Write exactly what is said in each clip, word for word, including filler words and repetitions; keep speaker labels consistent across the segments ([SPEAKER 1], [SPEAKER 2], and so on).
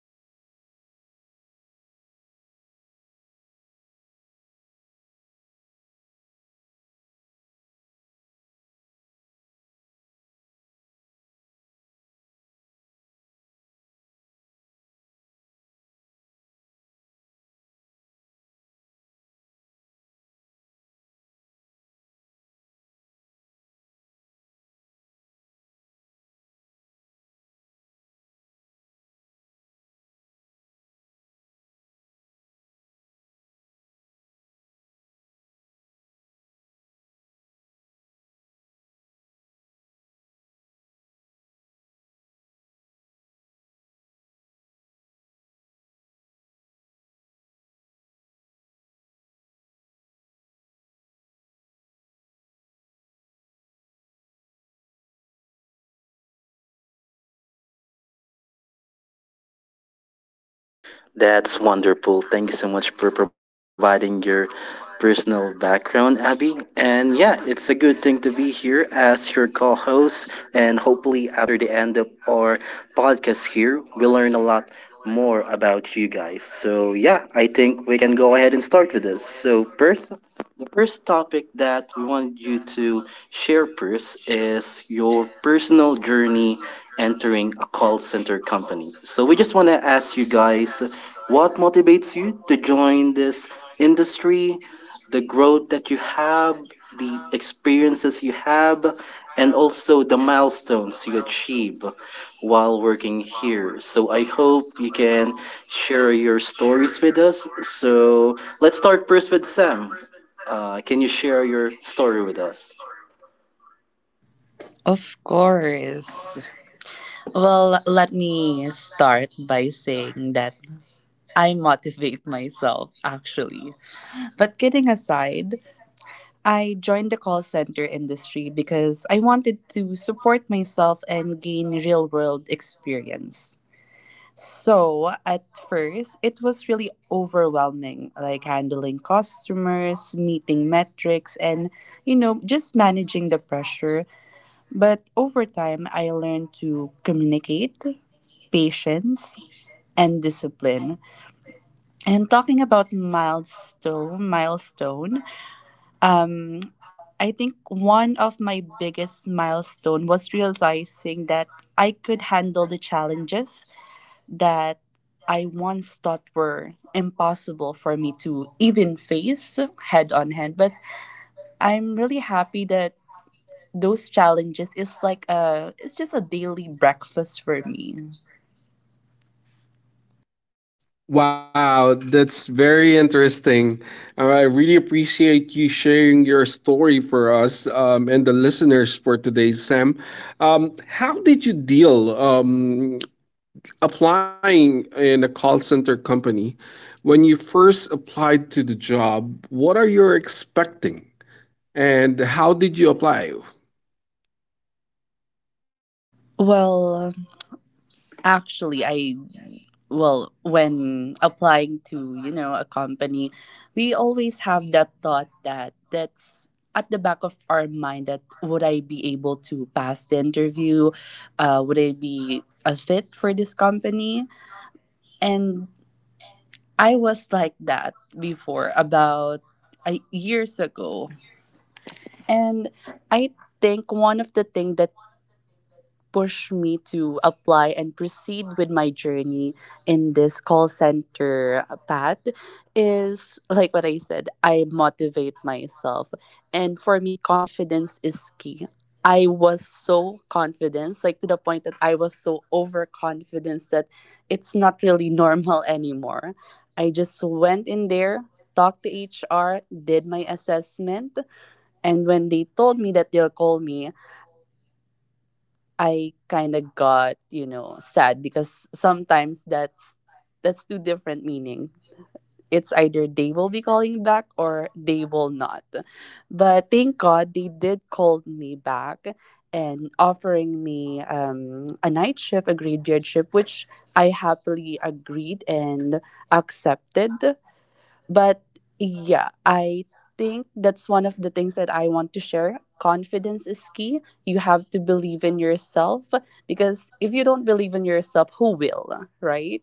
[SPEAKER 1] believe my story holds a valuable lesson, insights, and ideas that our listener can learn from.
[SPEAKER 2] Nice. Very interesting. I can't wait to hear your story, Sam. Thank you. Thank you. And Abby, how about you?
[SPEAKER 3] Hi, hello. I'm Abby, the one and only twenty years old. I live in Taguig City and I want to share my journey with you guys because I ended up in a call center world by chance. But it turned out to be a very beautiful learning experience, not just in handling calls, but in personal growth. So, um, in this episode, I talk about the challenges I faced, how I grew, and the goals I'm working on now. And I hope my story speaks to you.
[SPEAKER 4] That's wonderful. Thank you so much for providing your personal background, Abby. And yeah, it's a good thing to be here as your co host. And hopefully, after the end of our podcast here, we'll learn a lot more about you guys. So yeah, I think we can go ahead and start with this. So, first, The first topic that we wanted you to share first is your personal journey entering a call center company. So we just want to ask you guys what motivates you to join this industry, the growth that you have, the experiences you have, and also the milestones you achieve while working here. So I hope you can share your stories with us. So let's start first with Sam. Uh, can you share your story with us?
[SPEAKER 1] Of course. Well, let me start by saying that I motivate myself actually. But kidding aside, I joined the call center industry because I wanted to support myself and gain real world experience. So, at first, it was really overwhelming, like handling customers, meeting metrics, and, you know, just managing the pressure. But over time, I learned to communicate, patience, and discipline. And talking about milestone, milestone, Um, I think one of my biggest milestone was realizing that I could handle the challenges that I once thought were impossible for me to even face head on hand. But I'm really happy that those challenges is like a it's just a daily breakfast for me.
[SPEAKER 2] Wow, that's very interesting. Uh, I really appreciate you sharing your story for us um, and the listeners for today, Sam. Um, how did you deal um, applying in a call center company? When you first applied to the job, what are you expecting? And how did you apply?
[SPEAKER 1] Well, actually, I, well, when applying to, you know, a company, we always have that thought that that's at the back of our mind that would I be able to pass the interview? Uh, would I be a fit for this company? And I was like that before about uh, years ago. And I think one of the things pushed me to apply and proceed with my journey in this call center path is like what I said, I motivate myself. And for me, confidence is key. I was so confident, like to the point that I was so overconfident that it's not really normal anymore. I just went in there, talked to H R, did my assessment, and when they told me that they'll call me, I kind of got, you know, sad because sometimes that's that's two different meaning. It's either they will be calling back or they will not. But thank God they did call me back and offering me um, a night shift, a graveyard shift, which I happily agreed and accepted. But yeah, I think that's one of the things that I want to share. Confidence is key. You have to believe in yourself because if you don't believe in yourself, who will, right?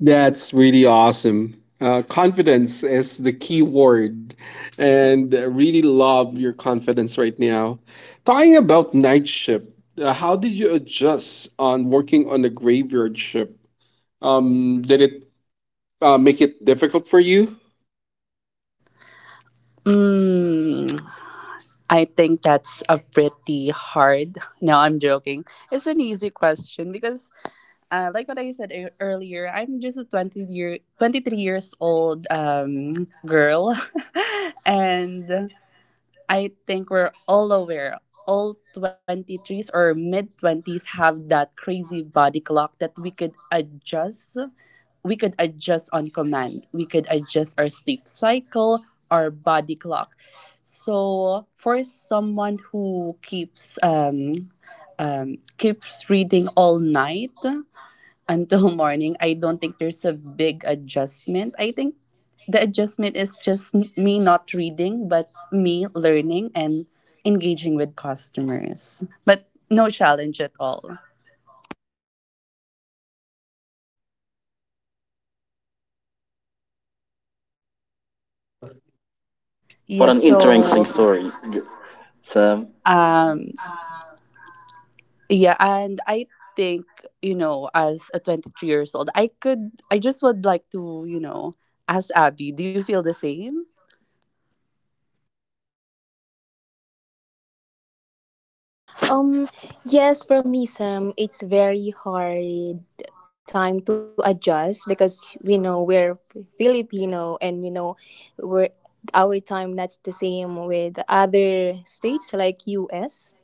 [SPEAKER 2] That's really awesome. Uh, confidence is the key word, and I really love your confidence right now. Talking about night shift, uh, how did you adjust on working on the graveyard shift? Um, did it uh, make it difficult for you?
[SPEAKER 1] Mm, I think that's a pretty hard. No, I'm joking. It's an easy question because, uh, like what I said ear- earlier, I'm just a twenty year, twenty-three years old um, girl. And I think we're all aware. All twenty-threes or mid twenties have that crazy body clock that we could adjust. We could adjust on command. We could adjust our sleep cycle, our body clock. So for someone who keeps um, um, keeps reading all night, until morning, I don't think there's a big adjustment. I think the adjustment is just n- me not reading, but me learning and engaging with customers. But no challenge at all.
[SPEAKER 4] What
[SPEAKER 1] Yes,
[SPEAKER 4] an interesting
[SPEAKER 1] so
[SPEAKER 4] story. So,
[SPEAKER 1] um yeah, and I think, you know, as a twenty-three years old, I could I just would like to, you know, ask Abby, do you feel the same?
[SPEAKER 3] Um, yes, for me, Sam, it's very hard time to adjust because we know we're Filipino and you know we're our time not the same with other states like U S.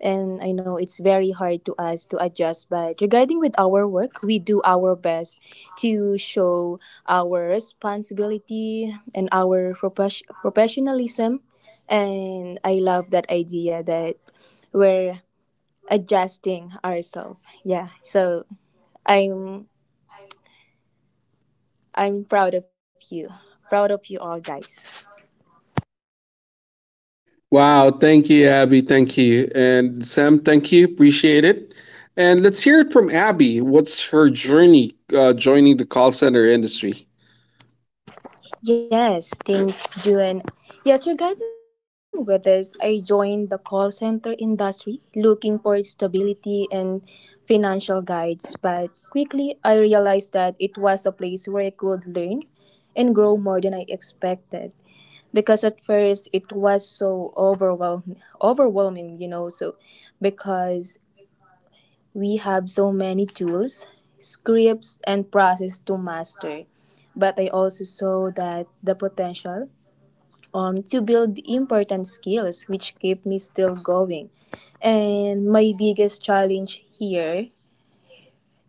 [SPEAKER 3] And I know it's very hard to us to adjust, but regarding with our work, we do our best to show our responsibility and our profes- professionalism. And I love that idea that where adjusting ourselves. Yeah. So I'm I'm proud of you. Proud of you all guys.
[SPEAKER 2] Wow, thank you, Abby. Thank you. And Sam, thank you. Appreciate it. And let's hear it from Abby. What's her journey uh, joining the call center industry?
[SPEAKER 3] Yes, thanks June. Yes, regarding weathers, I joined the call center industry looking for stability and financial guides, but quickly I realized that it was a place where I could learn and grow more than I expected. Because at first it was so overwhelm overwhelming, you know, so because we have so many tools, scripts, and process to master. But I also saw that the potential um, to build important skills which keep me still going. And my biggest challenge here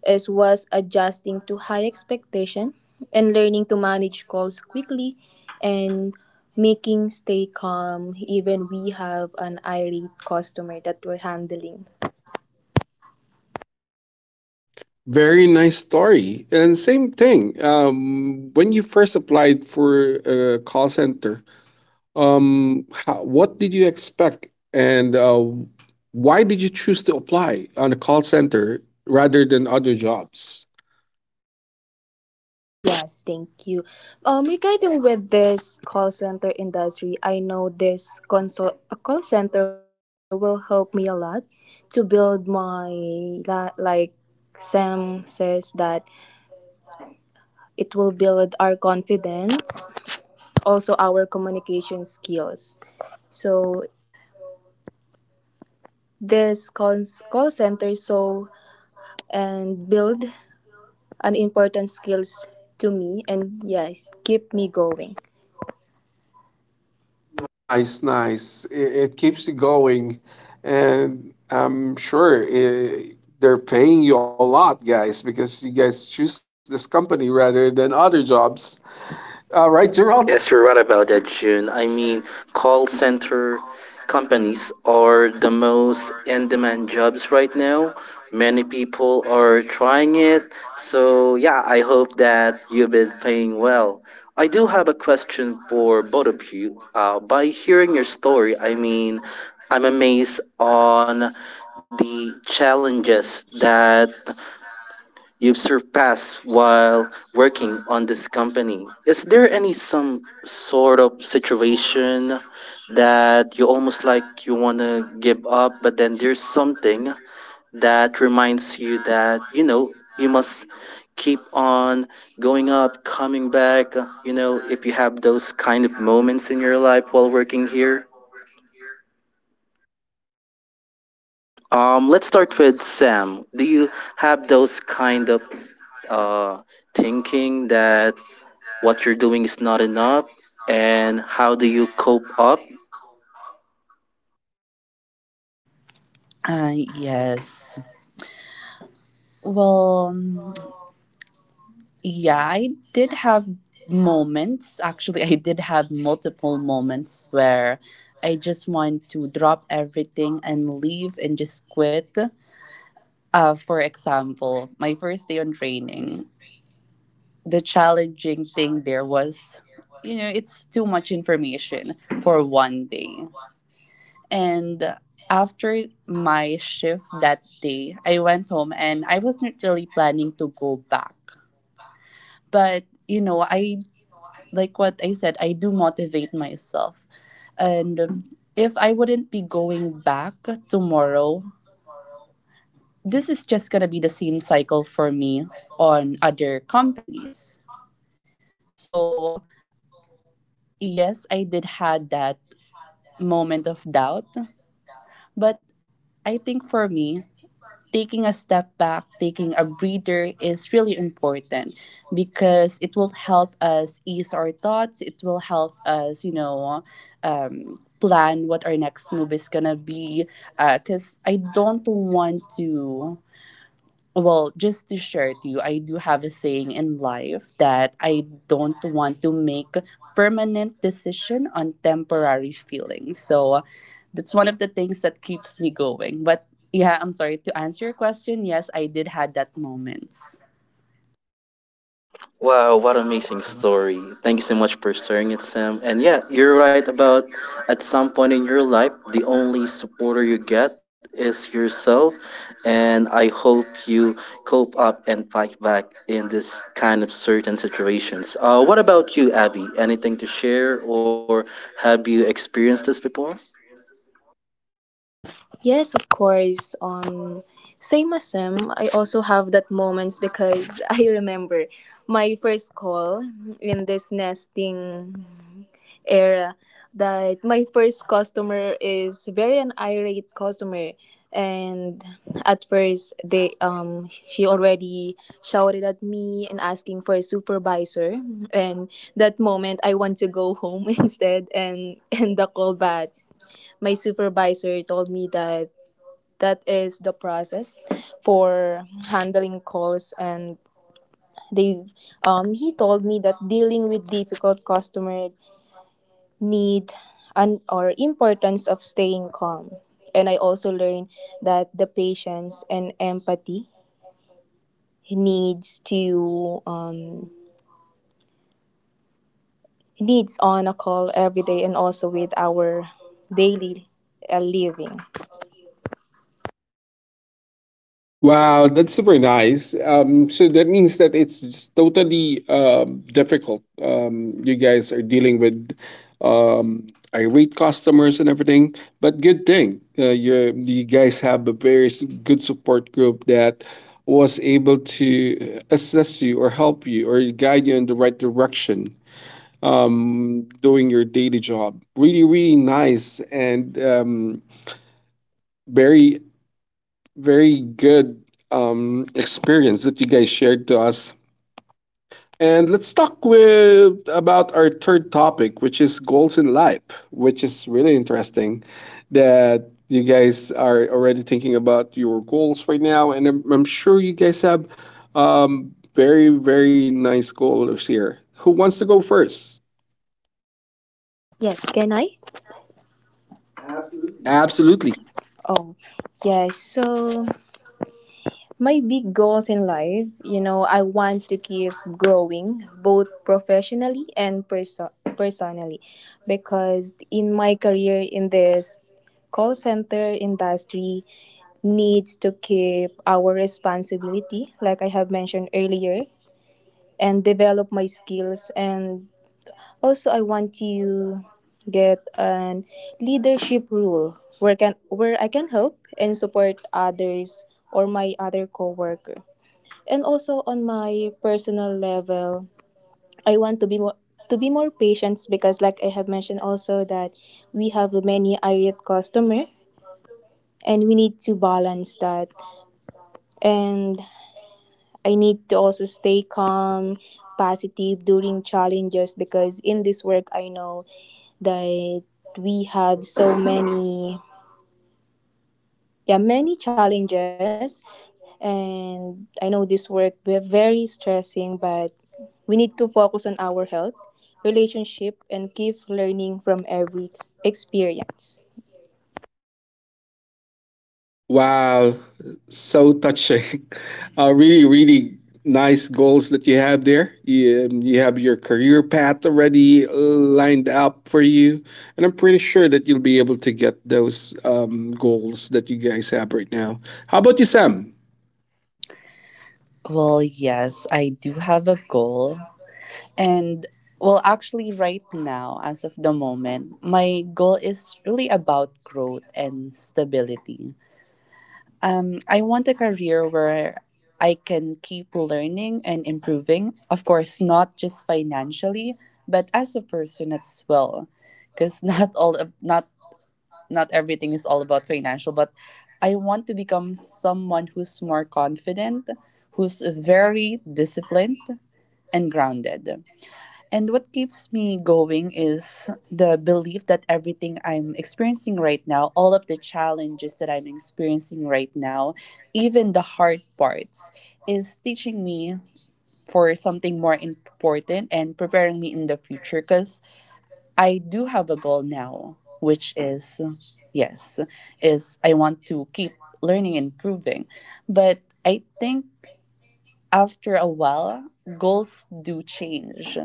[SPEAKER 3] is was adjusting to high expectation and learning to manage calls quickly and making stay calm even we have an irate customer that we're handling.
[SPEAKER 2] Very nice story. And same thing. Um, when you first applied for a call center, um, how, what did you expect, and uh, why did you choose to apply on a call center rather than other jobs?
[SPEAKER 3] Oh, yes, thank you. Um, regarding with this call center industry, I know this console a call center will help me a lot to build my li- like Sam says that it will build our confidence, also our communication skills. So this call call center so and build an important skills to me and yes, keep me going.
[SPEAKER 2] Nice, nice. It, it keeps you going, and I'm sure eh, they're paying you a lot, guys, because you guys choose this company rather than other jobs. Uh, right, Gerald?
[SPEAKER 4] Yes, you're right about that, June. I mean, call center companies are the most in demand jobs right now. Many people are trying it. So, yeah, I hope that you've been paying well. I do have a question for both of you. Uh, by hearing your story, I mean, I'm amazed on the challenges that You've surpassed while working on this company. Is there any some sort of situation that you almost like you want to give up, but then there's something that reminds you that, you know, you must keep on going up, coming back, you know, if you have those kind of moments in your life while working here? Um, let's start with Sam. Do you have those kind of uh, thinking that what you're doing is not enough, and how do you cope up?
[SPEAKER 1] Uh yes. Well, yeah, I did have moments. Actually, I did have multiple moments where I just want to drop everything and leave and just quit. Uh, for example, my first day on training, the challenging thing there was, you know, it's too much information for one day. And after my shift that day, I went home and I wasn't really planning to go back, but you know, I like what I said, I do motivate myself. And um, if I wouldn't be going back tomorrow, this is just going to be the same cycle for me on other companies. So, yes, I did had that moment of doubt, but I think for me, taking a step back, taking a breather is really important because it will help us ease our thoughts. It will help us, you know, um, plan what our next move is gonna be. Because I don't want to, well, just to share to you, I do have a saying in life that I don't want to make permanent decision on temporary feelings. So that's one of the things that keeps me going. But yeah, I'm sorry to answer your question. Yes, I did had that moments.
[SPEAKER 4] Wow, what an amazing story. Thank you so much for sharing it, Sam. And yeah, you're right. About at some point in your life, the only supporter you get is yourself, and I hope you cope up and fight back in this kind of certain situations. Uh, what about you, Abby? Anything to share, or have you experienced this before?
[SPEAKER 3] Yes, of course. Um, same as Sam, I also have that moments because I remember my first call in this nesting era that my first customer is very an irate customer and at first they um she already shouted at me and asking for a supervisor and that moment I want to go home instead and end the call. But my supervisor told me that that is the process for handling calls and they've um he told me that dealing with difficult customer need and or importance of staying calm. And I also learned that the patience and empathy needs to um needs on a call every day and also with our daily uh, living.
[SPEAKER 2] Wow, that's super nice. Um, so that means that it's just totally um, difficult. Um, you guys are dealing with um, irate customers and everything, but good thing uh, you you guys have a very s- good support group that was able to assess you or help you or guide you in the right direction. Um, doing your daily job, really, really nice and um, very very good um, experience that you guys shared to us. And let's talk with about our third topic, which is goals in life, which is really interesting that you guys are already thinking about your goals right now, and I'm, I'm sure you guys have um, very very nice goals here. Who wants to go first?
[SPEAKER 3] Yes, can I?
[SPEAKER 2] Absolutely.
[SPEAKER 3] Oh yes, so my big goals in life, you know, I want to keep growing both professionally and perso- personally because in my career in this call center industry needs to keep our responsibility like I have mentioned earlier and develop my skills. And also I want to get an leadership role where can where I can help and support others or my other coworker. And also on my personal level, I want to be more to be more patient because like I have mentioned also that we have many irate customer and we need to balance that. And I need to also stay calm, positive during challenges because in this work I know that we have so many, yeah, many challenges. And I know this work we're very stressing, but we need to focus on our health, relationship, and keep learning from every ex- experience.
[SPEAKER 2] Wow, so touching. Uh, really, really nice goals that you have there. You, um, you have your career path already lined up for you, and I'm pretty sure that you'll be able to get those um, goals that you guys have right now. How about you, Sam?
[SPEAKER 1] Well, yes, I do have a goal. And well, actually, right now, as of the moment, my goal is really about growth and stability. Um, I want a career where I can keep learning and improving. Of course, not just financially, but as a person as well, because not all not not everything is all about financial. But I want to become someone who's more confident, who's very disciplined and grounded. And what keeps me going is the belief that everything I'm experiencing right now, all of the challenges that I'm experiencing right now, even the hard parts, is teaching me for something more important and preparing me in the future because I do have a goal now, which is yes, is I want to keep learning and improving. But I think after a while, goals do change.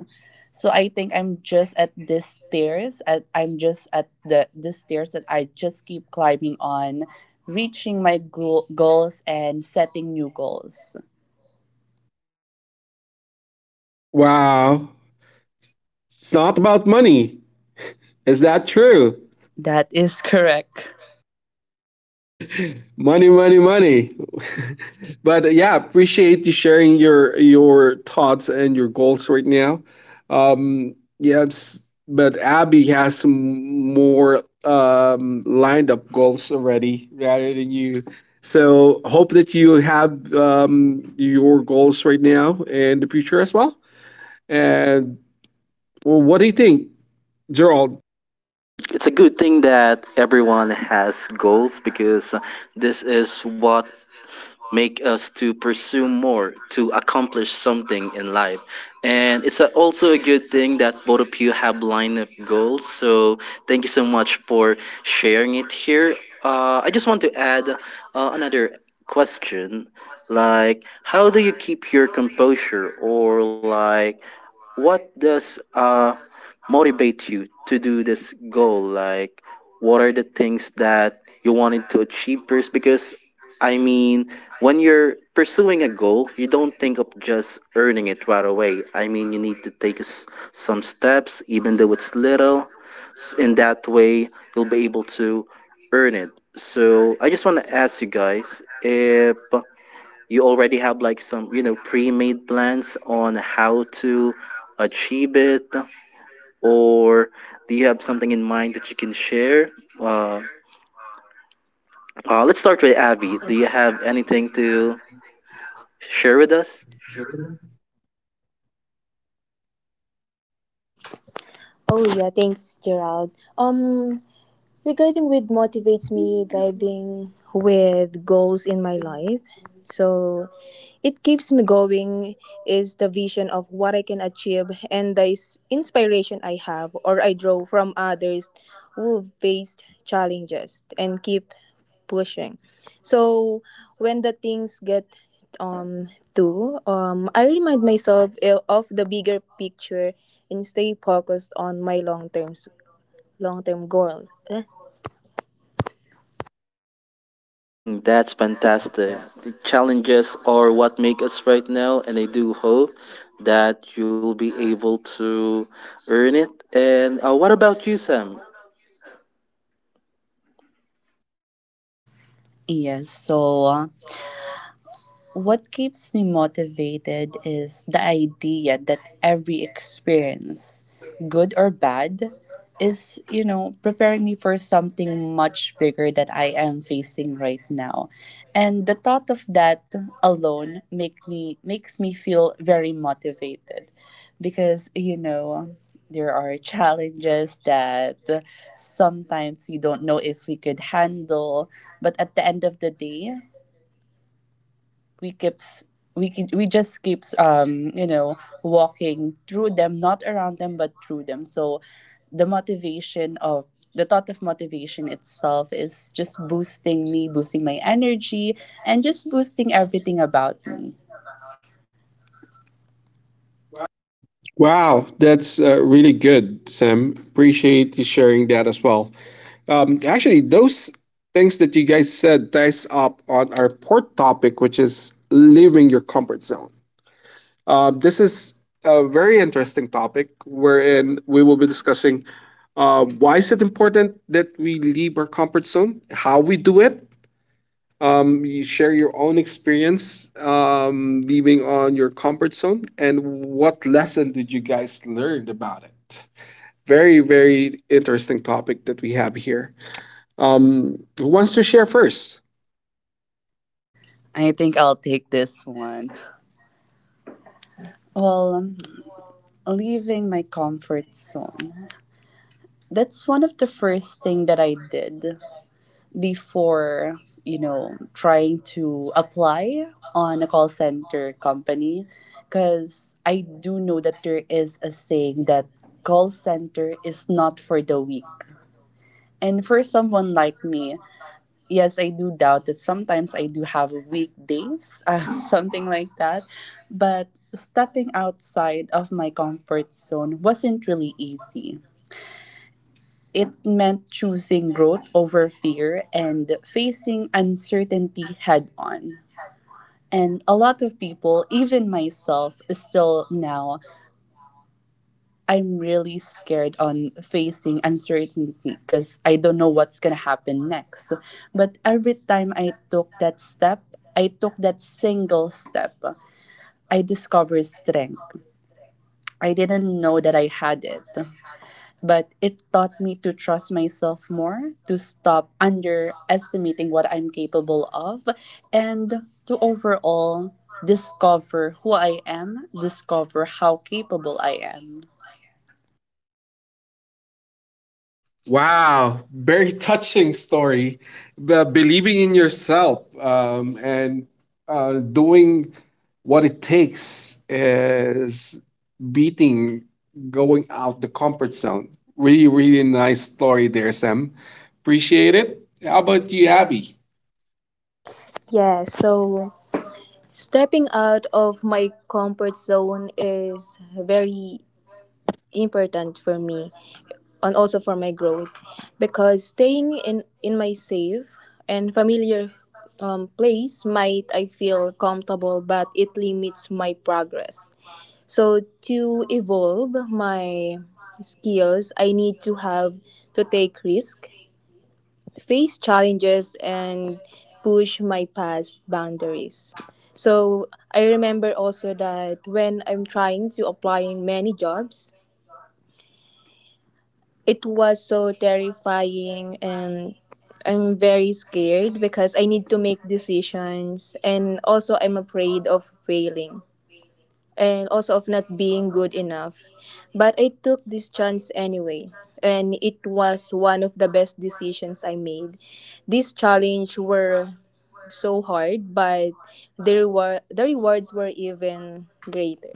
[SPEAKER 1] So I think I'm just at this stairs. At, I'm just at the this stairs that I just keep climbing on, reaching my glo- goals and setting new goals.
[SPEAKER 2] Wow, it's not about money. Is that true?
[SPEAKER 1] That is correct.
[SPEAKER 2] money money money but uh, yeah, appreciate you sharing your your thoughts and your goals right now, um yes, but Abby has some more um lined up goals already rather than you, so hope that you have um your goals right now and the future as well. And well, what do you think, Gerald?
[SPEAKER 4] Mm, it's a good thing that everyone has goals because uh, this is what make us to pursue more, to accomplish something in life. And it's a, also a good thing that both of you have lined up goals. So thank you so much for sharing it here. Uh, I just want to add uh, another question like how do you keep your composure, or like what does uh, motivate you to do this goal? Like, what are the things that you wanted to achieve first? Because, I mean, when you're pursuing a goal, you don't think of just earning it right away. I mean, you need to take s- some steps, even though it's little. S- In that way, you'll be able to earn it. So, I just want to ask you guys if you already have like some you know pre-made plans on how to achieve it, or do you have something in mind that you can share? uh, uh, let's start with Abby. Do you have anything to share with us?
[SPEAKER 3] Oh yeah, thanks Gerald. um Regarding with motivates me, regarding with goals in my life. So it keeps me going is the vision of what I can achieve and the is- inspiration I have or I draw from others who've faced challenges and keep pushing. So when the things get um do um I remind myself i- of the bigger picture and stay focused on my long term long term goals.
[SPEAKER 4] Mm, that's fantastic. The challenges are what make us right now, and I do hope that you'll be able to earn it. And uh, what about you, Sam?
[SPEAKER 1] Yes. So what keeps me motivated is the idea that every experience, good or bad, is, you know, preparing me for something much bigger that I am facing right now. And the thought of that alone make me makes me feel very motivated because, you know, there are challenges that sometimes you don't know if we could handle, but at the end of the day, we keeps we ke- we just keeps um you know walking through them, not around them, but through them. So the motivation of the thought of motivation itself is just boosting me, boosting my energy, and just boosting everything about me.
[SPEAKER 2] Wow, that's uh, really good, Sam. Appreciate you sharing that as well. Um, actually, those things that you guys said ties up on our fourth topic, which is leaving your comfort zone. Uh, this is a very interesting topic wherein we will be discussing um, why is it important that we leave our comfort zone, how we do it. Um, you share your own experience um, leaving on your comfort zone, and what lesson did you guys learn about it? Very, very interesting topic that we have here. Um, who wants to share first?
[SPEAKER 1] I think I'll take this one. Well, um, leaving my comfort zone, that's one of the first thing that I did before, you know, trying to apply on a call center company because I do know that there is a saying that call center is not for the weak. And for someone like me, yes, I do doubt that sometimes. I do have weekdays, uh, something like that. But stepping outside of my comfort zone wasn't really easy. It meant choosing growth over fear and facing uncertainty head on. And a lot of people, even myself, still now, I'm really scared on facing uncertainty because I don't know what's going to happen next. But every time I took that step, I took that single step, I discovered strength. I didn't know that I had it. But it taught me to trust myself more, to stop underestimating what I'm capable of, and to overall discover who I am, discover how capable I am.
[SPEAKER 2] Wow, very touching story. The believing in yourself um, and uh, doing what it takes is beating going out the comfort zone. Really, really nice story there, Sam. Appreciate it. How about you, Abby?
[SPEAKER 3] Yeah, so stepping out of my comfort zone is very important for me and also for my growth because staying in, in my safe and familiar um, place might I feel comfortable but it limits my progress. So to evolve my skills, I need to have to take risk, face challenges, and push my past boundaries. So I remember also that when I'm trying to applying many jobs, it was so terrifying and I'm very scared because I need to make decisions and also I'm afraid of failing and also of not being good enough. But I took this chance anyway and it was one of the best decisions I made. This challenge were so hard, but the reward the rewards were even greater.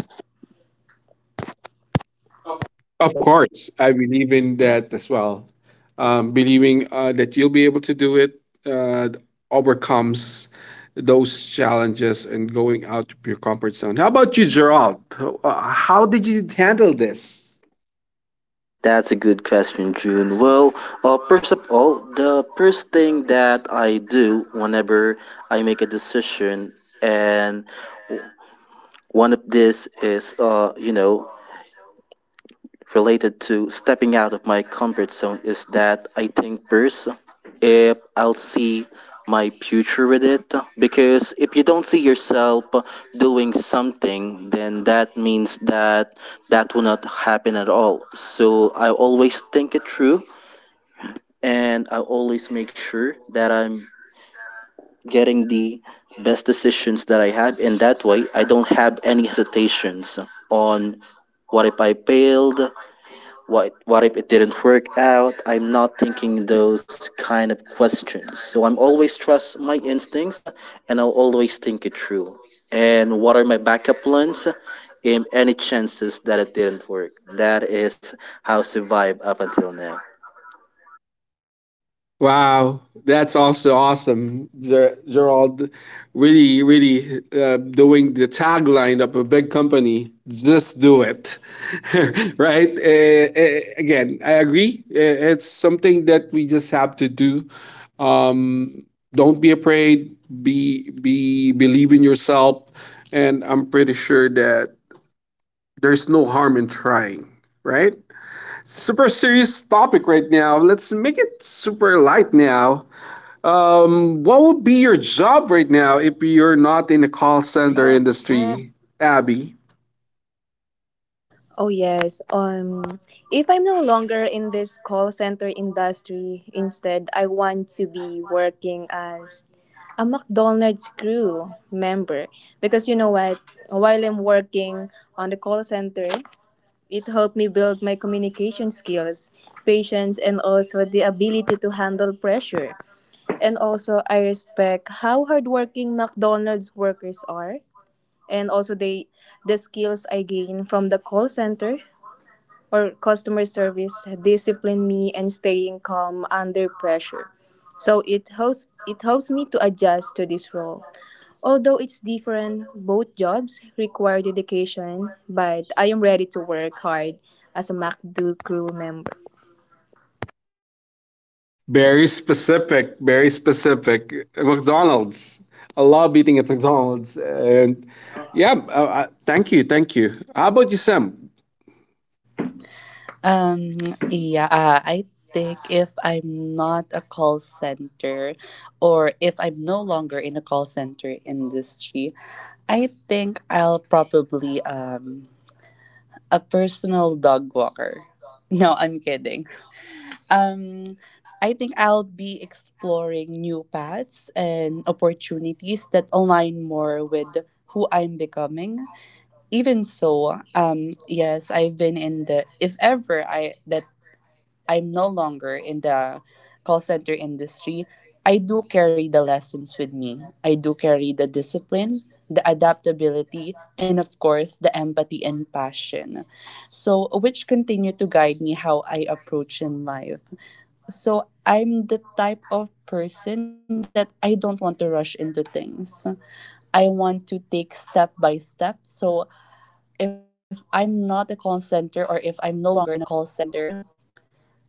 [SPEAKER 2] Of course, I believe in that as well. Um, believing uh, that you'll be able to do it uh, overcomes those challenges and going out of your comfort zone. How about you, Gerald? Uh, How did you handle this?
[SPEAKER 4] Hmm, That's a good question, June. Well, uh, first of all, the first thing that I do whenever I make a decision, and one of this is, uh, you know, related to stepping out of my comfort zone, is that I think first if I'll see my future with it. Because if you don't see yourself doing something, then that means that that will not happen at all. So I always think it through, and I always make sure that I'm getting the best decisions that I have. In that way, I don't have any hesitations on what if I failed, what what if it didn't work out. I'm not thinking those kind of questions. So I'm always trust my instincts, and I'll always think it through. And what are my backup plans? In any chances that it didn't work. That is how I survive up until now.
[SPEAKER 2] Wow, that's also awesome, Ger- Gerald. Really, really uh, doing the tagline of a big company. Just do it, right? Uh, uh, again, I agree. Uh, It's something that we just have to do. Um, don't be afraid. Be be Believe in yourself, and I'm pretty sure that there's no harm in trying, right? Super serious topic right now. Let's make it super light now. Um, what would be your job right now if you're not in the call center industry, Abby?
[SPEAKER 3] Oh yes. Um if I'm no longer in this call center industry, instead I want to be working as a McDonald's crew member because you know what, while I'm working on the call center, it helped me build my communication skills, patience, and also the ability to handle pressure. And also, I respect how hardworking McDonald's workers are, and also they the skills I gain from the call center or customer service discipline me and staying calm under pressure. So it helps it helps me to adjust to this role. Although it's different, both jobs require dedication, but I am ready to work hard as a MacDo crew member.
[SPEAKER 2] Very specific, very specific. McDonald's. I love eating at McDonald's. And yeah, uh, uh, thank you, thank you. How about you, Sam?
[SPEAKER 1] Um, yeah, uh, I think if I'm not a call center or if I'm no longer in the call center industry, I think I'll probably um a personal dog walker. No, I'm kidding. Um, I think I'll be exploring new paths and opportunities that align more with who I'm becoming. Even so, um, yes, I've been in the, if ever I that I'm no longer in the call center industry, I do carry the lessons with me. I do carry the discipline, the adaptability, and of course, the empathy and passion. So, which continue to guide me how I approach in life. So I'm the type of person that I don't want to rush into things. I want to take step by step. So if I'm not a call center or if I'm no longer in a call center,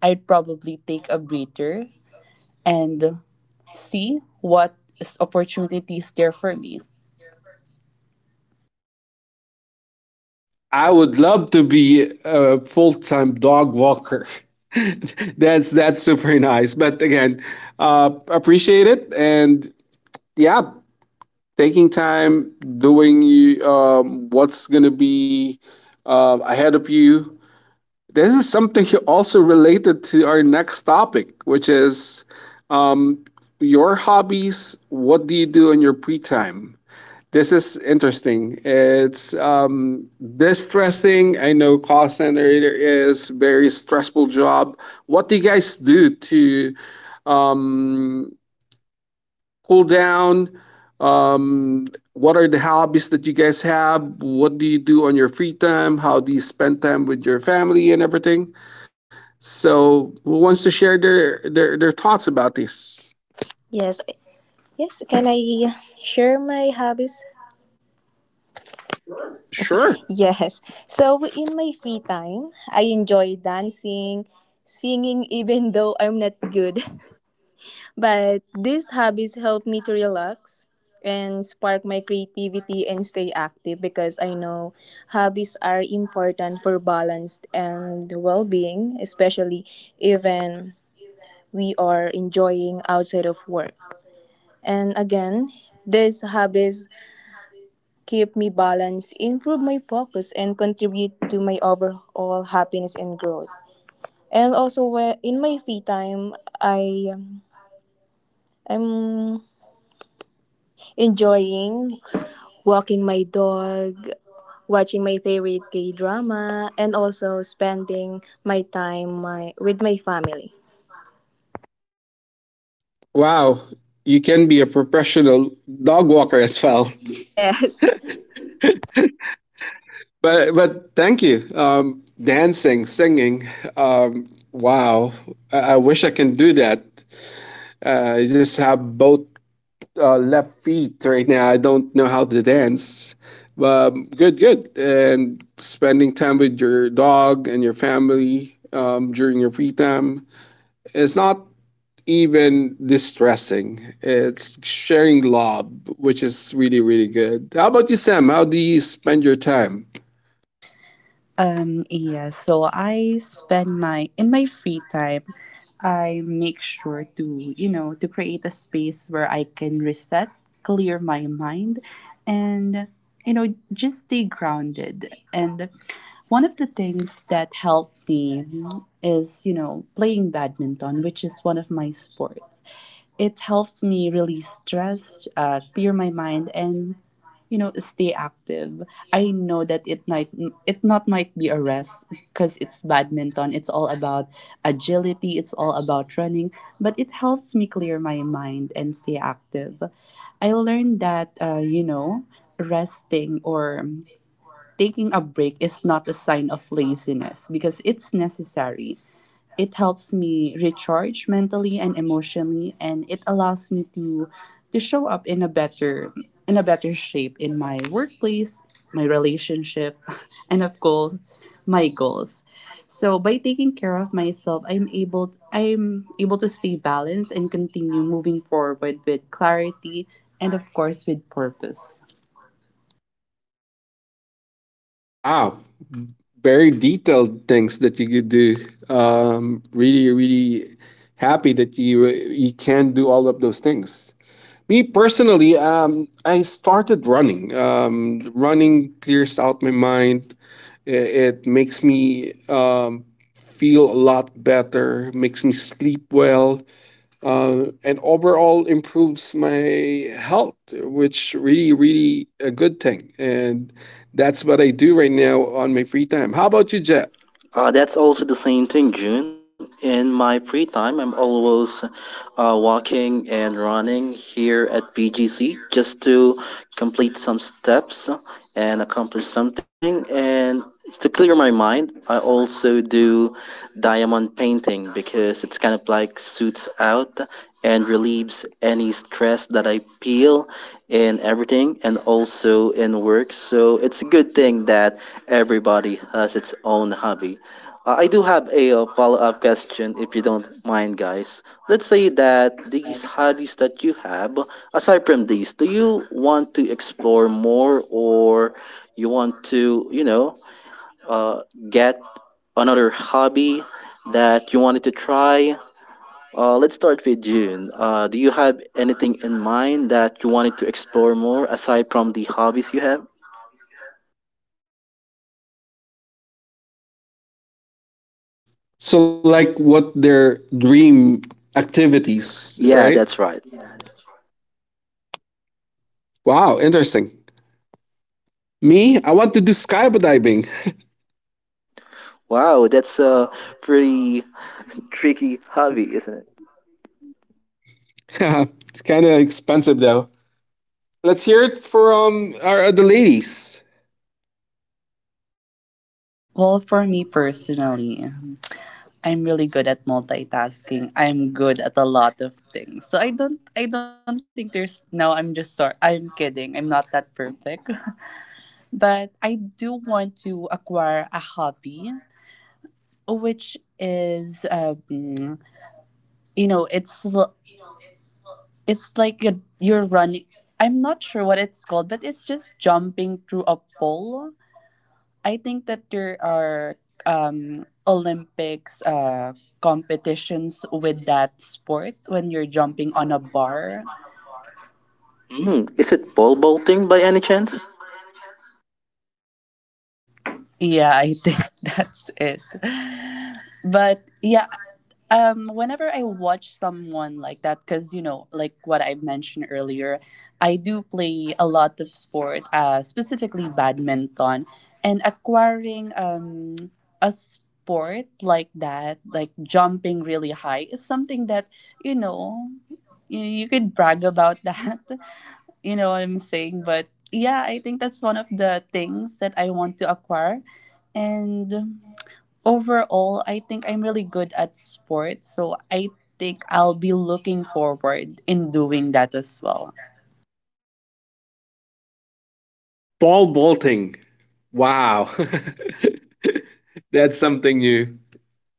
[SPEAKER 1] I'd probably take a breather and see what is- opportunities there for me.
[SPEAKER 2] I would love to be a full-time dog walker. That's that's super nice. But again, uh, appreciate it. And yeah, taking time doing um, what's going to be uh, ahead of you, this is something also related to our next topic, which is um, your hobbies. What do you do in your free time? This is interesting. It's um, distressing. I know call center is very stressful job. What do you guys do to um, cool down? um, what are the hobbies that you guys have? What do you do on your free time? How do you spend time with your family and everything? So, who wants to share their their, their thoughts about this?
[SPEAKER 3] Yes, I- yes. Can I share my hobbies?
[SPEAKER 2] Sure.
[SPEAKER 3] Yes. So in my free time, I enjoy dancing, singing even though I'm not good. But these hobbies help me to relax and spark my creativity and stay active because I know hobbies are important for balance and well-being, especially even we are enjoying outside of work. And again, these hobbies keep me balanced, improve my focus, and contribute to my overall happiness and growth. And also, whe- in my free time, I um, I'm enjoying walking my dog, watching my favorite K drama, and also spending my time my, with my family.
[SPEAKER 2] Wow, you can be a professional dog walker as well.
[SPEAKER 3] Yes.
[SPEAKER 2] But but thank you. Um, dancing, singing. Um, wow, I, I wish I can do that. Uh, I just have both uh, left feet right now. I don't know how to dance. But good, good. And spending time with your dog and your family um, during your free time is not even distressing. It's sharing love, which is really, really good. How about you, Sam? How do you spend your time?
[SPEAKER 1] Um, yeah, so I spend my in my free time, I make sure to, you know, to create a space where I can reset, clear my mind, and you know, just stay grounded. And one of the things that helped me is, you know, playing badminton, which is one of my sports. It helps me release stress, uh, clear my mind, and you know, stay active. I know that it might it not might be a rest because it's badminton. It's all about agility. It's all about running, but it helps me clear my mind and stay active. I learned that uh, you know, resting or taking a break is not a sign of laziness because it's necessary. It helps me recharge mentally and emotionally, and it allows me to to show up in a better in a better shape in my workplace, my relationship, and of course, my goals. So by taking care of myself, I'm able I'm able to stay balanced and continue moving forward with clarity and of course with purpose.
[SPEAKER 2] Wow, very detailed things that you could do. Um, really, really happy that you you can do all of those things. Me personally, um, I started running. Um, running clears out my mind. I- It makes me um, feel a lot better, makes me sleep well, uh, and overall improves my health, which really, really a good thing. And that's what I do right now on my free time. How about you, Jet?
[SPEAKER 4] Uh, that's also the same thing, June. In my free time, I'm always uh, walking and running here at B G C just to complete some steps and accomplish something. And to clear my mind, I also do diamond painting because it's kind of like suits out and relieves any stress that I feel in everything and also in work. So it's a good thing that everybody has its own hobby. Uh, I do have a uh, follow up question if you don't mind, guys. Let's say that these hobbies that you have, aside from these, do you want to explore more, or you want to, you know, uh, get another hobby that you wanted to try? Uh, let's start with June. Uh, do you have anything in mind that you wanted to explore more aside from the hobbies you have?
[SPEAKER 2] So, like, what their dream activities,
[SPEAKER 4] Yeah,
[SPEAKER 2] right?
[SPEAKER 4] that's right.
[SPEAKER 2] Wow, interesting. Me, I want to do skydiving.
[SPEAKER 4] Wow, that's a pretty tricky hobby, isn't it?
[SPEAKER 2] It's kind of expensive though. Let's hear it from our, the ladies.
[SPEAKER 1] Well, for me personally, I'm really good at multitasking. I'm good at a lot of things. So I don't I don't think there's no I'm just sorry. I'm kidding. I'm not that perfect. But I do want to acquire a hobby which is um, you know it's l- it's like a, you're running. I'm not sure what it's called, but it's just jumping through a pole. I think that there are um, Olympics uh, competitions with that sport when you're jumping on a bar.
[SPEAKER 4] Mm, is it pole vaulting by any chance?
[SPEAKER 1] Yeah, I think that's it. But yeah, um whenever I watch someone like that, because you know, like what I mentioned earlier, I do play a lot of sport, uh specifically badminton, and acquiring um a sport like that, like jumping really high, is something that you know, you, you could brag about that. You know what I'm saying? But yeah, I think that's one of the things that I want to acquire. And overall, I think I'm really good at sports, so I think I'll be looking forward in doing that as well.
[SPEAKER 2] Ball bolting. Wow. That's something new.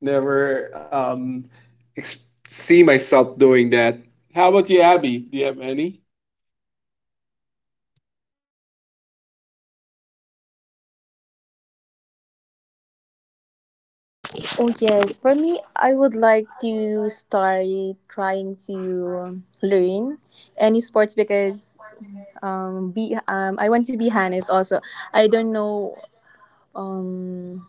[SPEAKER 2] Never um, ex- see myself doing that. How about you, Abby? Do you have any?
[SPEAKER 3] Oh yes, for me, I would like to start trying to learn any sports because um be um I want to be honest also. I don't know um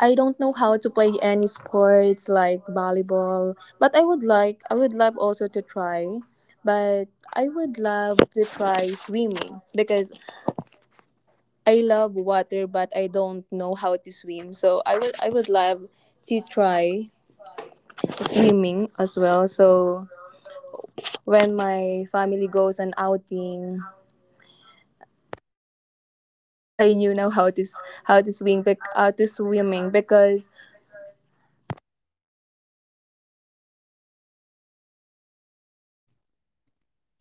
[SPEAKER 3] I don't know how to play any sports like volleyball, but I would like I would love also to try, but I would love to try swimming because I love water but I don't know how to swim. So I would I would love to try swimming as well. So when my family goes on outing, I knew now how to s- how to swim bec- how to swimming because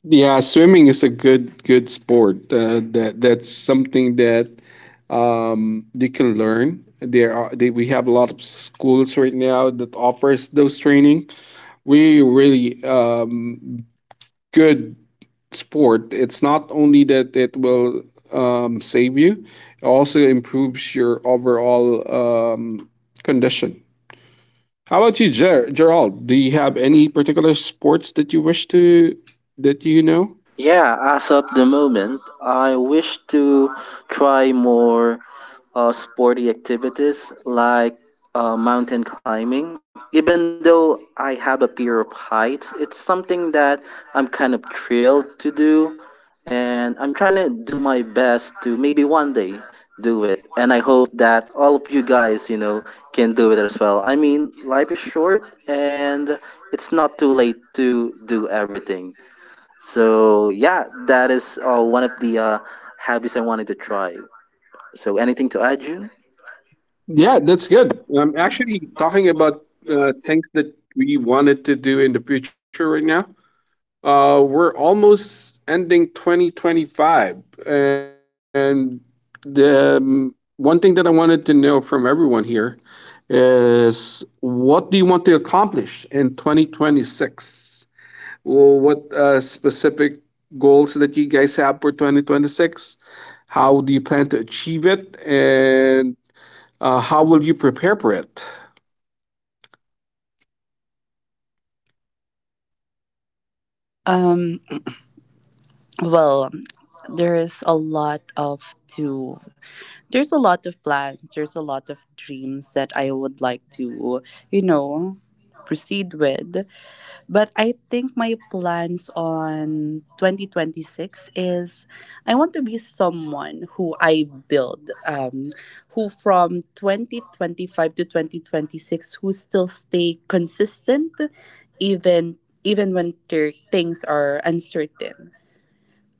[SPEAKER 2] Yeah, swimming is a good good sport. Uh, that that's something that um, you can learn. There are they, we have a lot of schools right now that offers those training. We really um, good sport. It's not only that it will um, save you, it also improves your overall um, condition. How about you, Ger- Gerald? Do you have any particular sports that you wish to that you know?
[SPEAKER 4] Yeah, as of the moment, I wish to try more uh, sporty activities like uh, mountain climbing. Even though I have a fear of heights, it's something that I'm kind of thrilled to do. And I'm trying to do my best to maybe one day do it. And I hope that all of you guys, you know, can do it as well. I mean, life is short, and it's not too late to do everything. So yeah, that is uh, one of the uh, habits I wanted to try. So anything to add, June?
[SPEAKER 2] Yeah, that's good. I'm actually talking about uh, things that we wanted to do in the future right now. Uh, we're almost ending twenty twenty-five, and the um, one thing that I wanted to know from everyone here is, what do you want to accomplish in twenty twenty-six? Well, what uh, specific goals that you guys have for twenty twenty-six? How do you plan to achieve it, and uh, how will you prepare for it?
[SPEAKER 1] Um, well, there is a lot of to there's a lot of plans, there's a lot of dreams that I would like to, you know, proceed with. But I think my plans on twenty twenty-six is I want to be someone who I build, um, who from two thousand twenty-five to twenty twenty-six, who still stay consistent even even when ter- things are uncertain.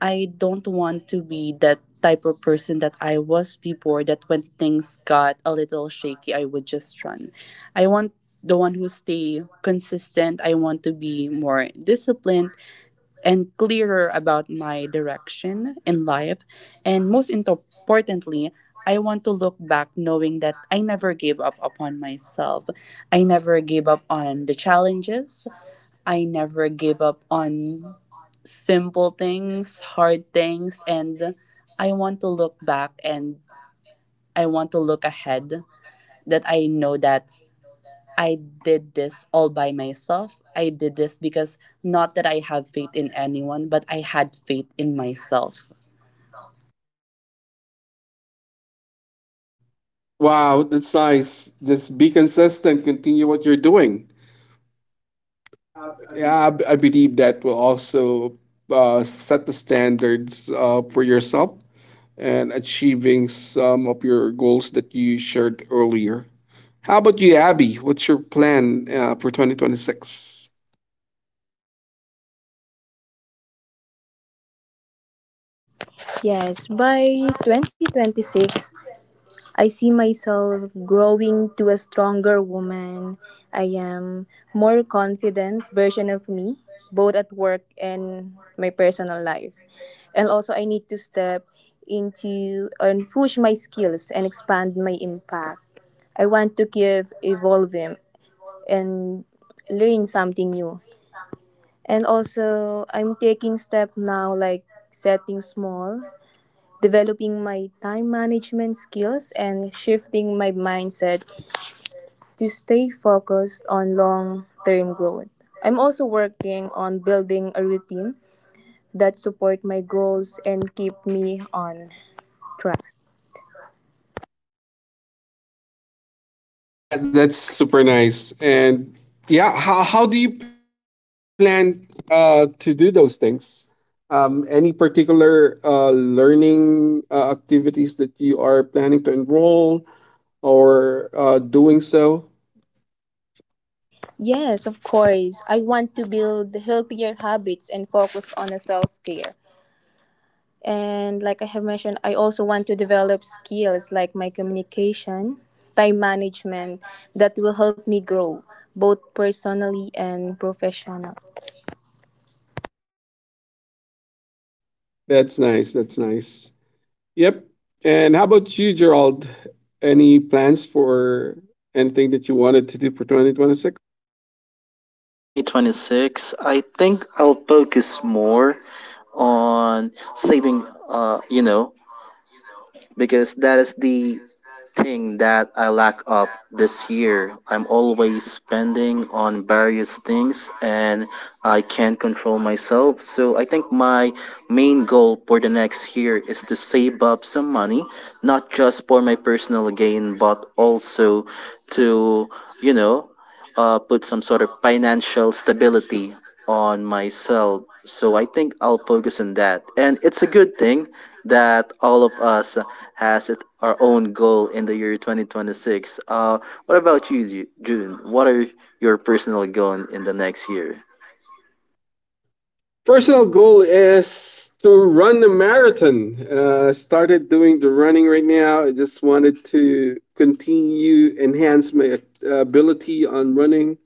[SPEAKER 1] I don't want to be that type of person that I was before, that when things got a little shaky, I would just run. I want the one who stay consistent. I want to be more disciplined and clearer about my direction in life. And most importantly, I want to look back knowing that I never gave up upon myself. I never gave up on the challenges. I never gave up on simple things, hard things, and I want to look back and I want to look ahead, that I know that I did this all by myself. I did this because not that I have faith in anyone, but I had faith in myself.
[SPEAKER 2] Wow, that's nice. Just be consistent, continue what you're doing. Yeah, I, b- I believe that will also uh, set the standards uh, for yourself and achieving some of your goals that you shared earlier. How about you, Abby? What's your plan uh, for twenty twenty-six?
[SPEAKER 3] yes, by twenty twenty-six I see myself growing to a stronger woman. I am more confident version of me, both at work and my personal life. And also I need to step into and push my skills and expand my impact. I want to keep evolving and learn something new. And also I'm taking step now like setting small, developing my time management skills, and shifting my mindset to stay focused on long term growth. I'm also working on building a routine that support my goals and keep me on track.
[SPEAKER 2] That that's super nice. And yeah, how how do you plan uh, to do those things? Um, any particular uh, learning uh, activities that you are planning to enroll or uh, doing so?
[SPEAKER 3] Yes, of course. I want to build healthier habits and focus on self care. And like I have mentioned, I also want to develop skills like my communication, time management that will help me grow both personally and professionally.
[SPEAKER 2] That's nice. That's nice. Yep. And how about you, Gerald? Any plans for anything that you wanted to do for twenty twenty-six?
[SPEAKER 4] Hmm. For the year twenty twenty-six, I think I'll focus more on saving. Uh, you know, because that is the thing that I lack up this year. I'm always spending on various things, and I can't control myself. So I think my main goal for the next year is to save up some money, not just for my personal gain, but also to, you know, uh, put some sort of financial stability on myself. So I think I'll focus on that. And it's a good thing that all of us has it, our own goal in the year twenty twenty-six. Uh, what about you, Ju- June? What are your personal goal in the next year?
[SPEAKER 2] Personal goal is to run a marathon. Uh, started doing the running right now. I just wanted to continue enhance my uh, ability on running,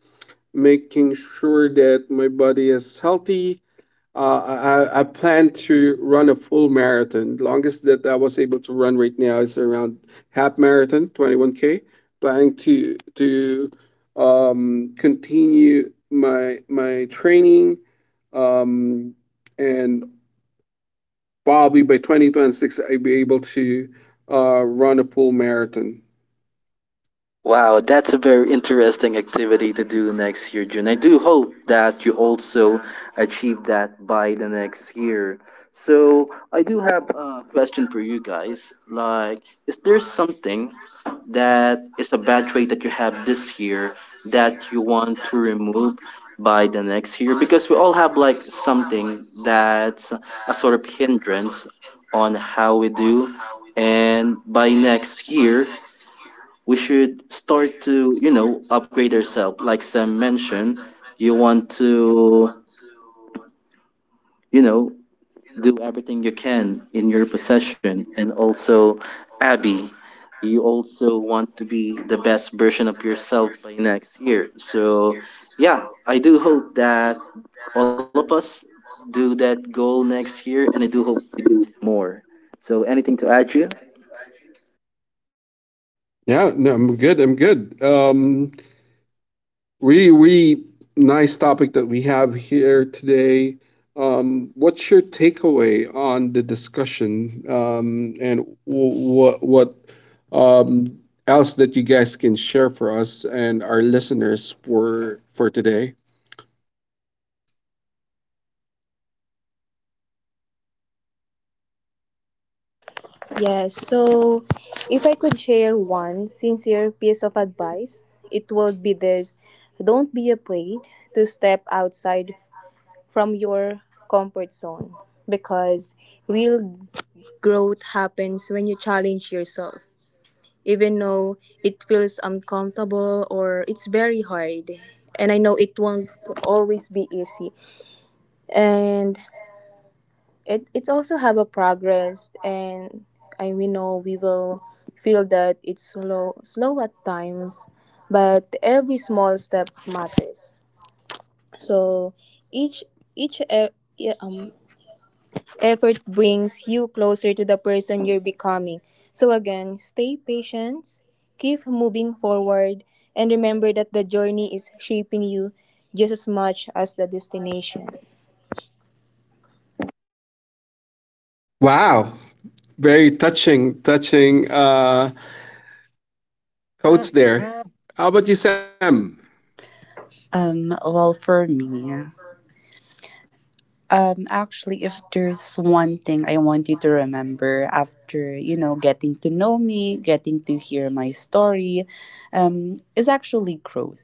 [SPEAKER 2] making sure that my body is healthy. Uh, I, I plan to run a full marathon. Longest that I was able to run right now is around half marathon, twenty-one K. Planning to to um, continue my my training um, and probably by twenty twenty-six I'll be able to uh, run a full marathon.
[SPEAKER 4] Wow, that's a very interesting activity to do next year, June. I do hope that you also achieve that by the next year. So, I do have a question for you guys. Like, is there something that is a bad trait that you have this year that you want to remove by the next year? Because we all have like something that's a sort of hindrance on how we do. And by next year, we should start to you know upgrade ourselves. Like Sam mentioned, you want to you know do everything you can in your possession. And also, Abby, you also want to be the best version of yourself by next year. So yeah, I do hope that all of us do that goal next year, and I do hope we do more. So, anything to add, you?
[SPEAKER 2] Yeah, no, I'm good. I'm good. Um, Really, really nice topic that we have here today. Um, what's your takeaway on the discussion, um, and what what um, else that you guys can share for us and our listeners for for today?
[SPEAKER 3] Yes, so if I could share one sincere piece of advice, it would be this, don't be afraid to step outside from your comfort zone because real growth happens when you challenge yourself even though it feels uncomfortable or it's very hard. And I know it won't always be easy and it, it also have a progress and I we know we will feel that it's slow slow at times but every small step matters. So each each e- yeah, um effort brings you closer to the person you're becoming. So, again, stay patient, keep moving forward, and remember that the journey is shaping you just as much as the destination.
[SPEAKER 2] Wow, very touching, touching uh, quotes there. How about you, Sam?
[SPEAKER 1] Um, well, for me, um, actually, if there's one thing I want you to remember after, you know, getting to know me, getting to hear my story, um, is actually growth.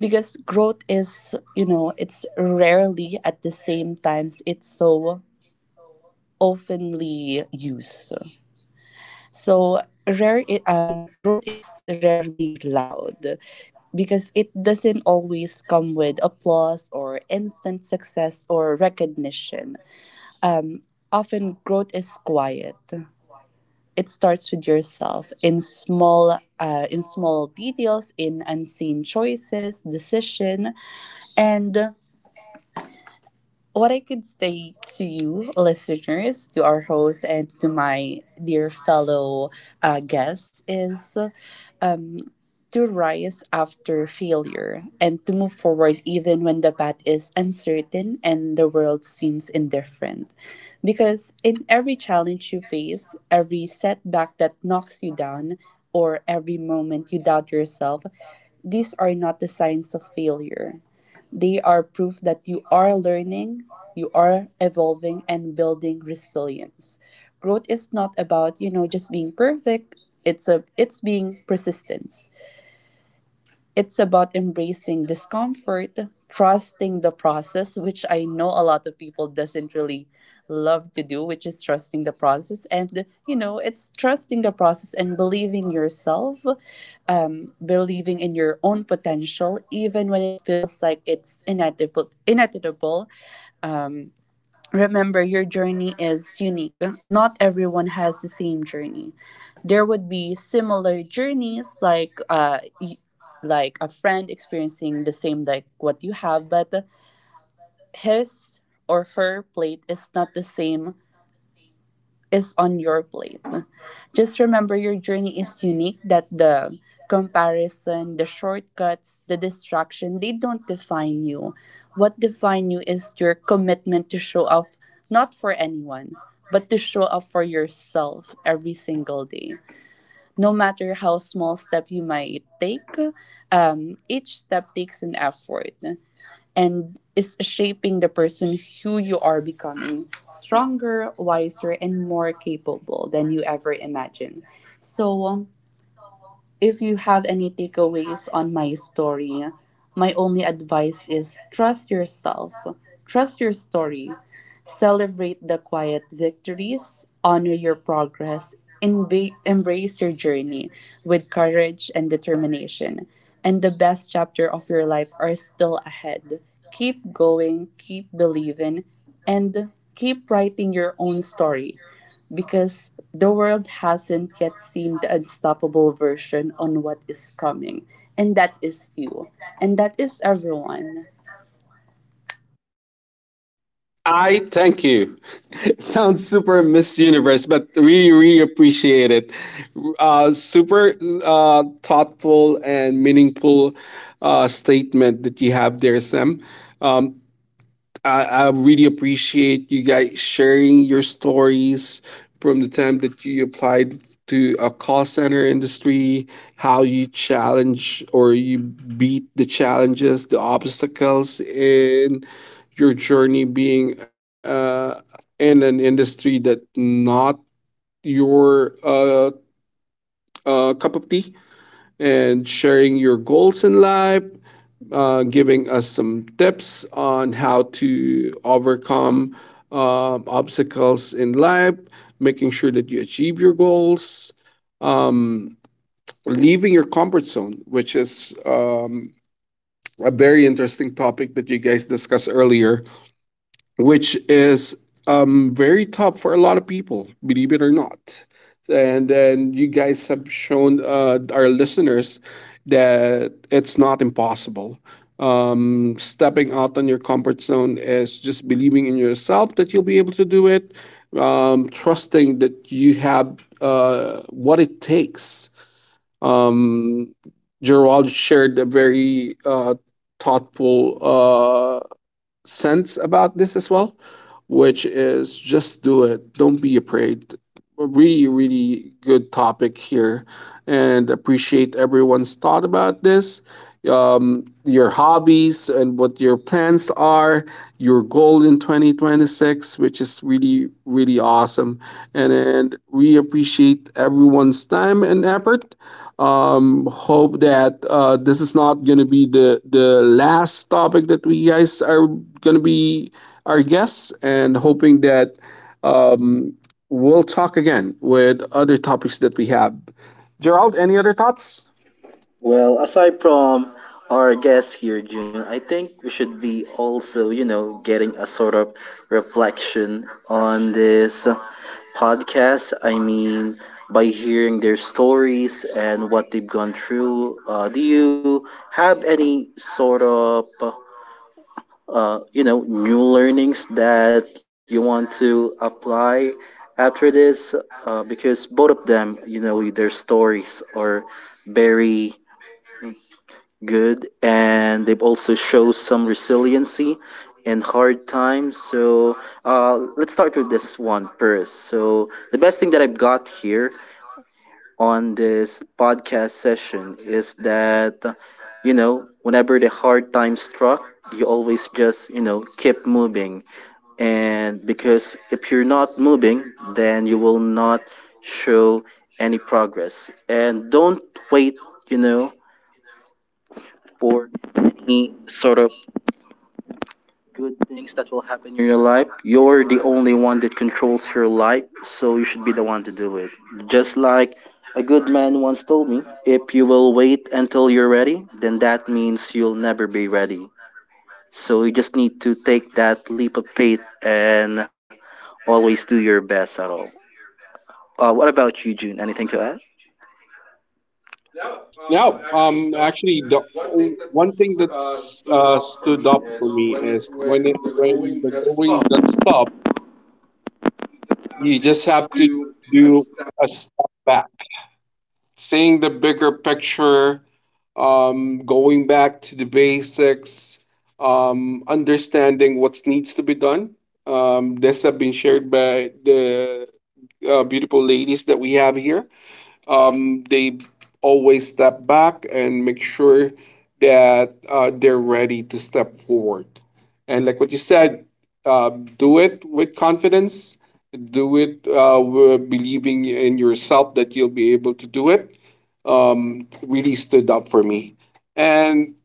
[SPEAKER 1] Because growth is, you know, it's rarely at the same times, it's so oftenly used. So rare i- um growth is rarely loud, because it doesn't always come with applause or instant success or recognition. Um, Often growth is quiet. It starts with yourself in small uh, in small details, in unseen choices, decision, and what I could say to you, listeners, to our host, and to my dear fellow uh, guests is um, to rise after failure and to move forward even when the path is uncertain and the world seems indifferent. Because in every challenge you face, every setback that knocks you down, or every moment you doubt yourself, these are not the signs of failure. They are proof that you are learning, you are evolving, and building resilience. Growth is not about, you know, just being perfect. It's a it's being persistence. It's about embracing discomfort, trusting the process, which I know a lot of people doesn't really love to do, which is trusting the process. And you know, it's trusting the process and believing yourself, um, believing in your own potential, even when it feels like it's inevitable. inevitable. Um, Remember, your journey is unique. Not everyone has the same journey. There would be similar journeys, like uh, y- like a friend experiencing the same like what you have, but his or her plate is not the same is on your plate. Just remember your journey is unique, that the comparison, the shortcuts, the distraction, they don't define you. What define you is your commitment to show up, not for anyone, but to show up for yourself every single day. No matter how small step you might take, um, each step takes an effort and is shaping the person who you are becoming stronger, wiser, and more capable than you ever imagined. So, um, if you have any takeaways on my story, my only advice is trust yourself, trust your story, celebrate the quiet victories, honor your progress, and be- embrace your journey with courage and determination, and the best chapter of your life are still ahead. Keep going, keep believing, and keep writing your own story, because the world hasn't yet seen the unstoppable version on what is coming. And that is you. And that is everyone.
[SPEAKER 2] I thank you. It sounds super Miss Universe, but really, really appreciate it. Uh, super uh, thoughtful and meaningful uh, statement that you have there, Sam. Um, I, I really appreciate you guys sharing your stories from the time that you applied to a call center industry, how you challenge or you beat the challenges, the obstacles in your journey being uh, in an industry that not your uh, uh, cup of tea, and sharing your goals in life, uh, giving us some tips on how to overcome uh, obstacles in life, making sure that you achieve your goals, um, leaving your comfort zone, which is um, a very interesting topic that you guys discussed earlier, which is um, very tough for a lot of people, believe it or not. And then you guys have shown uh, our listeners that it's not impossible. Um, stepping out on your comfort zone is just believing in yourself that you'll be able to do it, um, trusting that you have uh, what it takes. Um, Gerald shared a very uh, thoughtful uh, sense about this as well, which is just do it. Don't be afraid. A really, really good topic here, and appreciate everyone's thought about this. Um, your hobbies and what your plans are, your goal in twenty twenty-six, which is really, really awesome. And, and we appreciate everyone's time and effort, um, hope that uh, this is not going to be the the last topic that we guys are going to be our guests, and hoping that um, we'll talk again with other topics that we have. Gerald, any other thoughts?
[SPEAKER 4] Well, aside from our guest here, June, I think we should be also, you know, getting a sort of reflection on this podcast. I mean, by hearing their stories and what they've gone through, uh, do you have any sort of, uh, you know, new learnings that you want to apply after this? Uh, because both of them, you know, their stories are very good, and they've also show some resiliency in hard times. So uh, let's start with this one first. So the best thing that I've got here on this podcast session is that uh, you know whenever the hard time struck, you always just you know keep moving. And because if you're not moving, then you will not show any progress. And don't wait you know for any sort of good things that will happen in your life. You're the only one that controls your life, so you should be the one to do it. Just like a good man once told me, if you will wait until you're ready, then that means you'll never be ready. So you just need to take that leap of faith and always do your best at all. Uh, what about you, June? Anything to add?
[SPEAKER 2] Yeah, um, actually, the o- one thing that's uh, stood up for me is when it, when the going gets tough, you just have to do a step back, seeing the bigger picture, um, going back to the basics, um, understanding what needs to be done. Um, this have been shared by the uh, beautiful ladies that we have here. Um, they always step back and make sure that uh, they're ready to step forward. And like what you said, uh, do it with confidence. Do it uh, believing in yourself that you'll be able to do it um, really stood up for me. And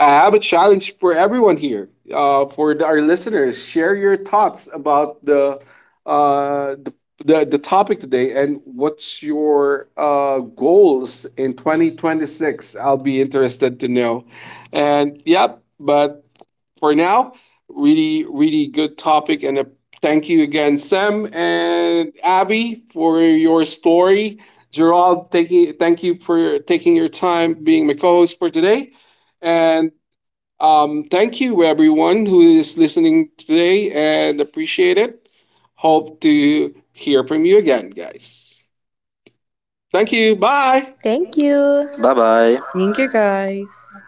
[SPEAKER 2] I have a challenge for everyone here, uh, for the- our listeners. Share your thoughts about the uh, the, the the topic today, and what's your uh, goals in twenty twenty-six? I'll be interested to know. And yep, but for now. Really, really good topic. And a thank you again, Sam and Abby, for your story. Gerald, thank you, thank you for taking your time being my co host for today. And um, thank you, everyone who is listening today and appreciate it. Hope to hear from you again, guys. Thank you. Bye.
[SPEAKER 3] Thank you.
[SPEAKER 4] Bye bye.
[SPEAKER 1] Thank you, guys.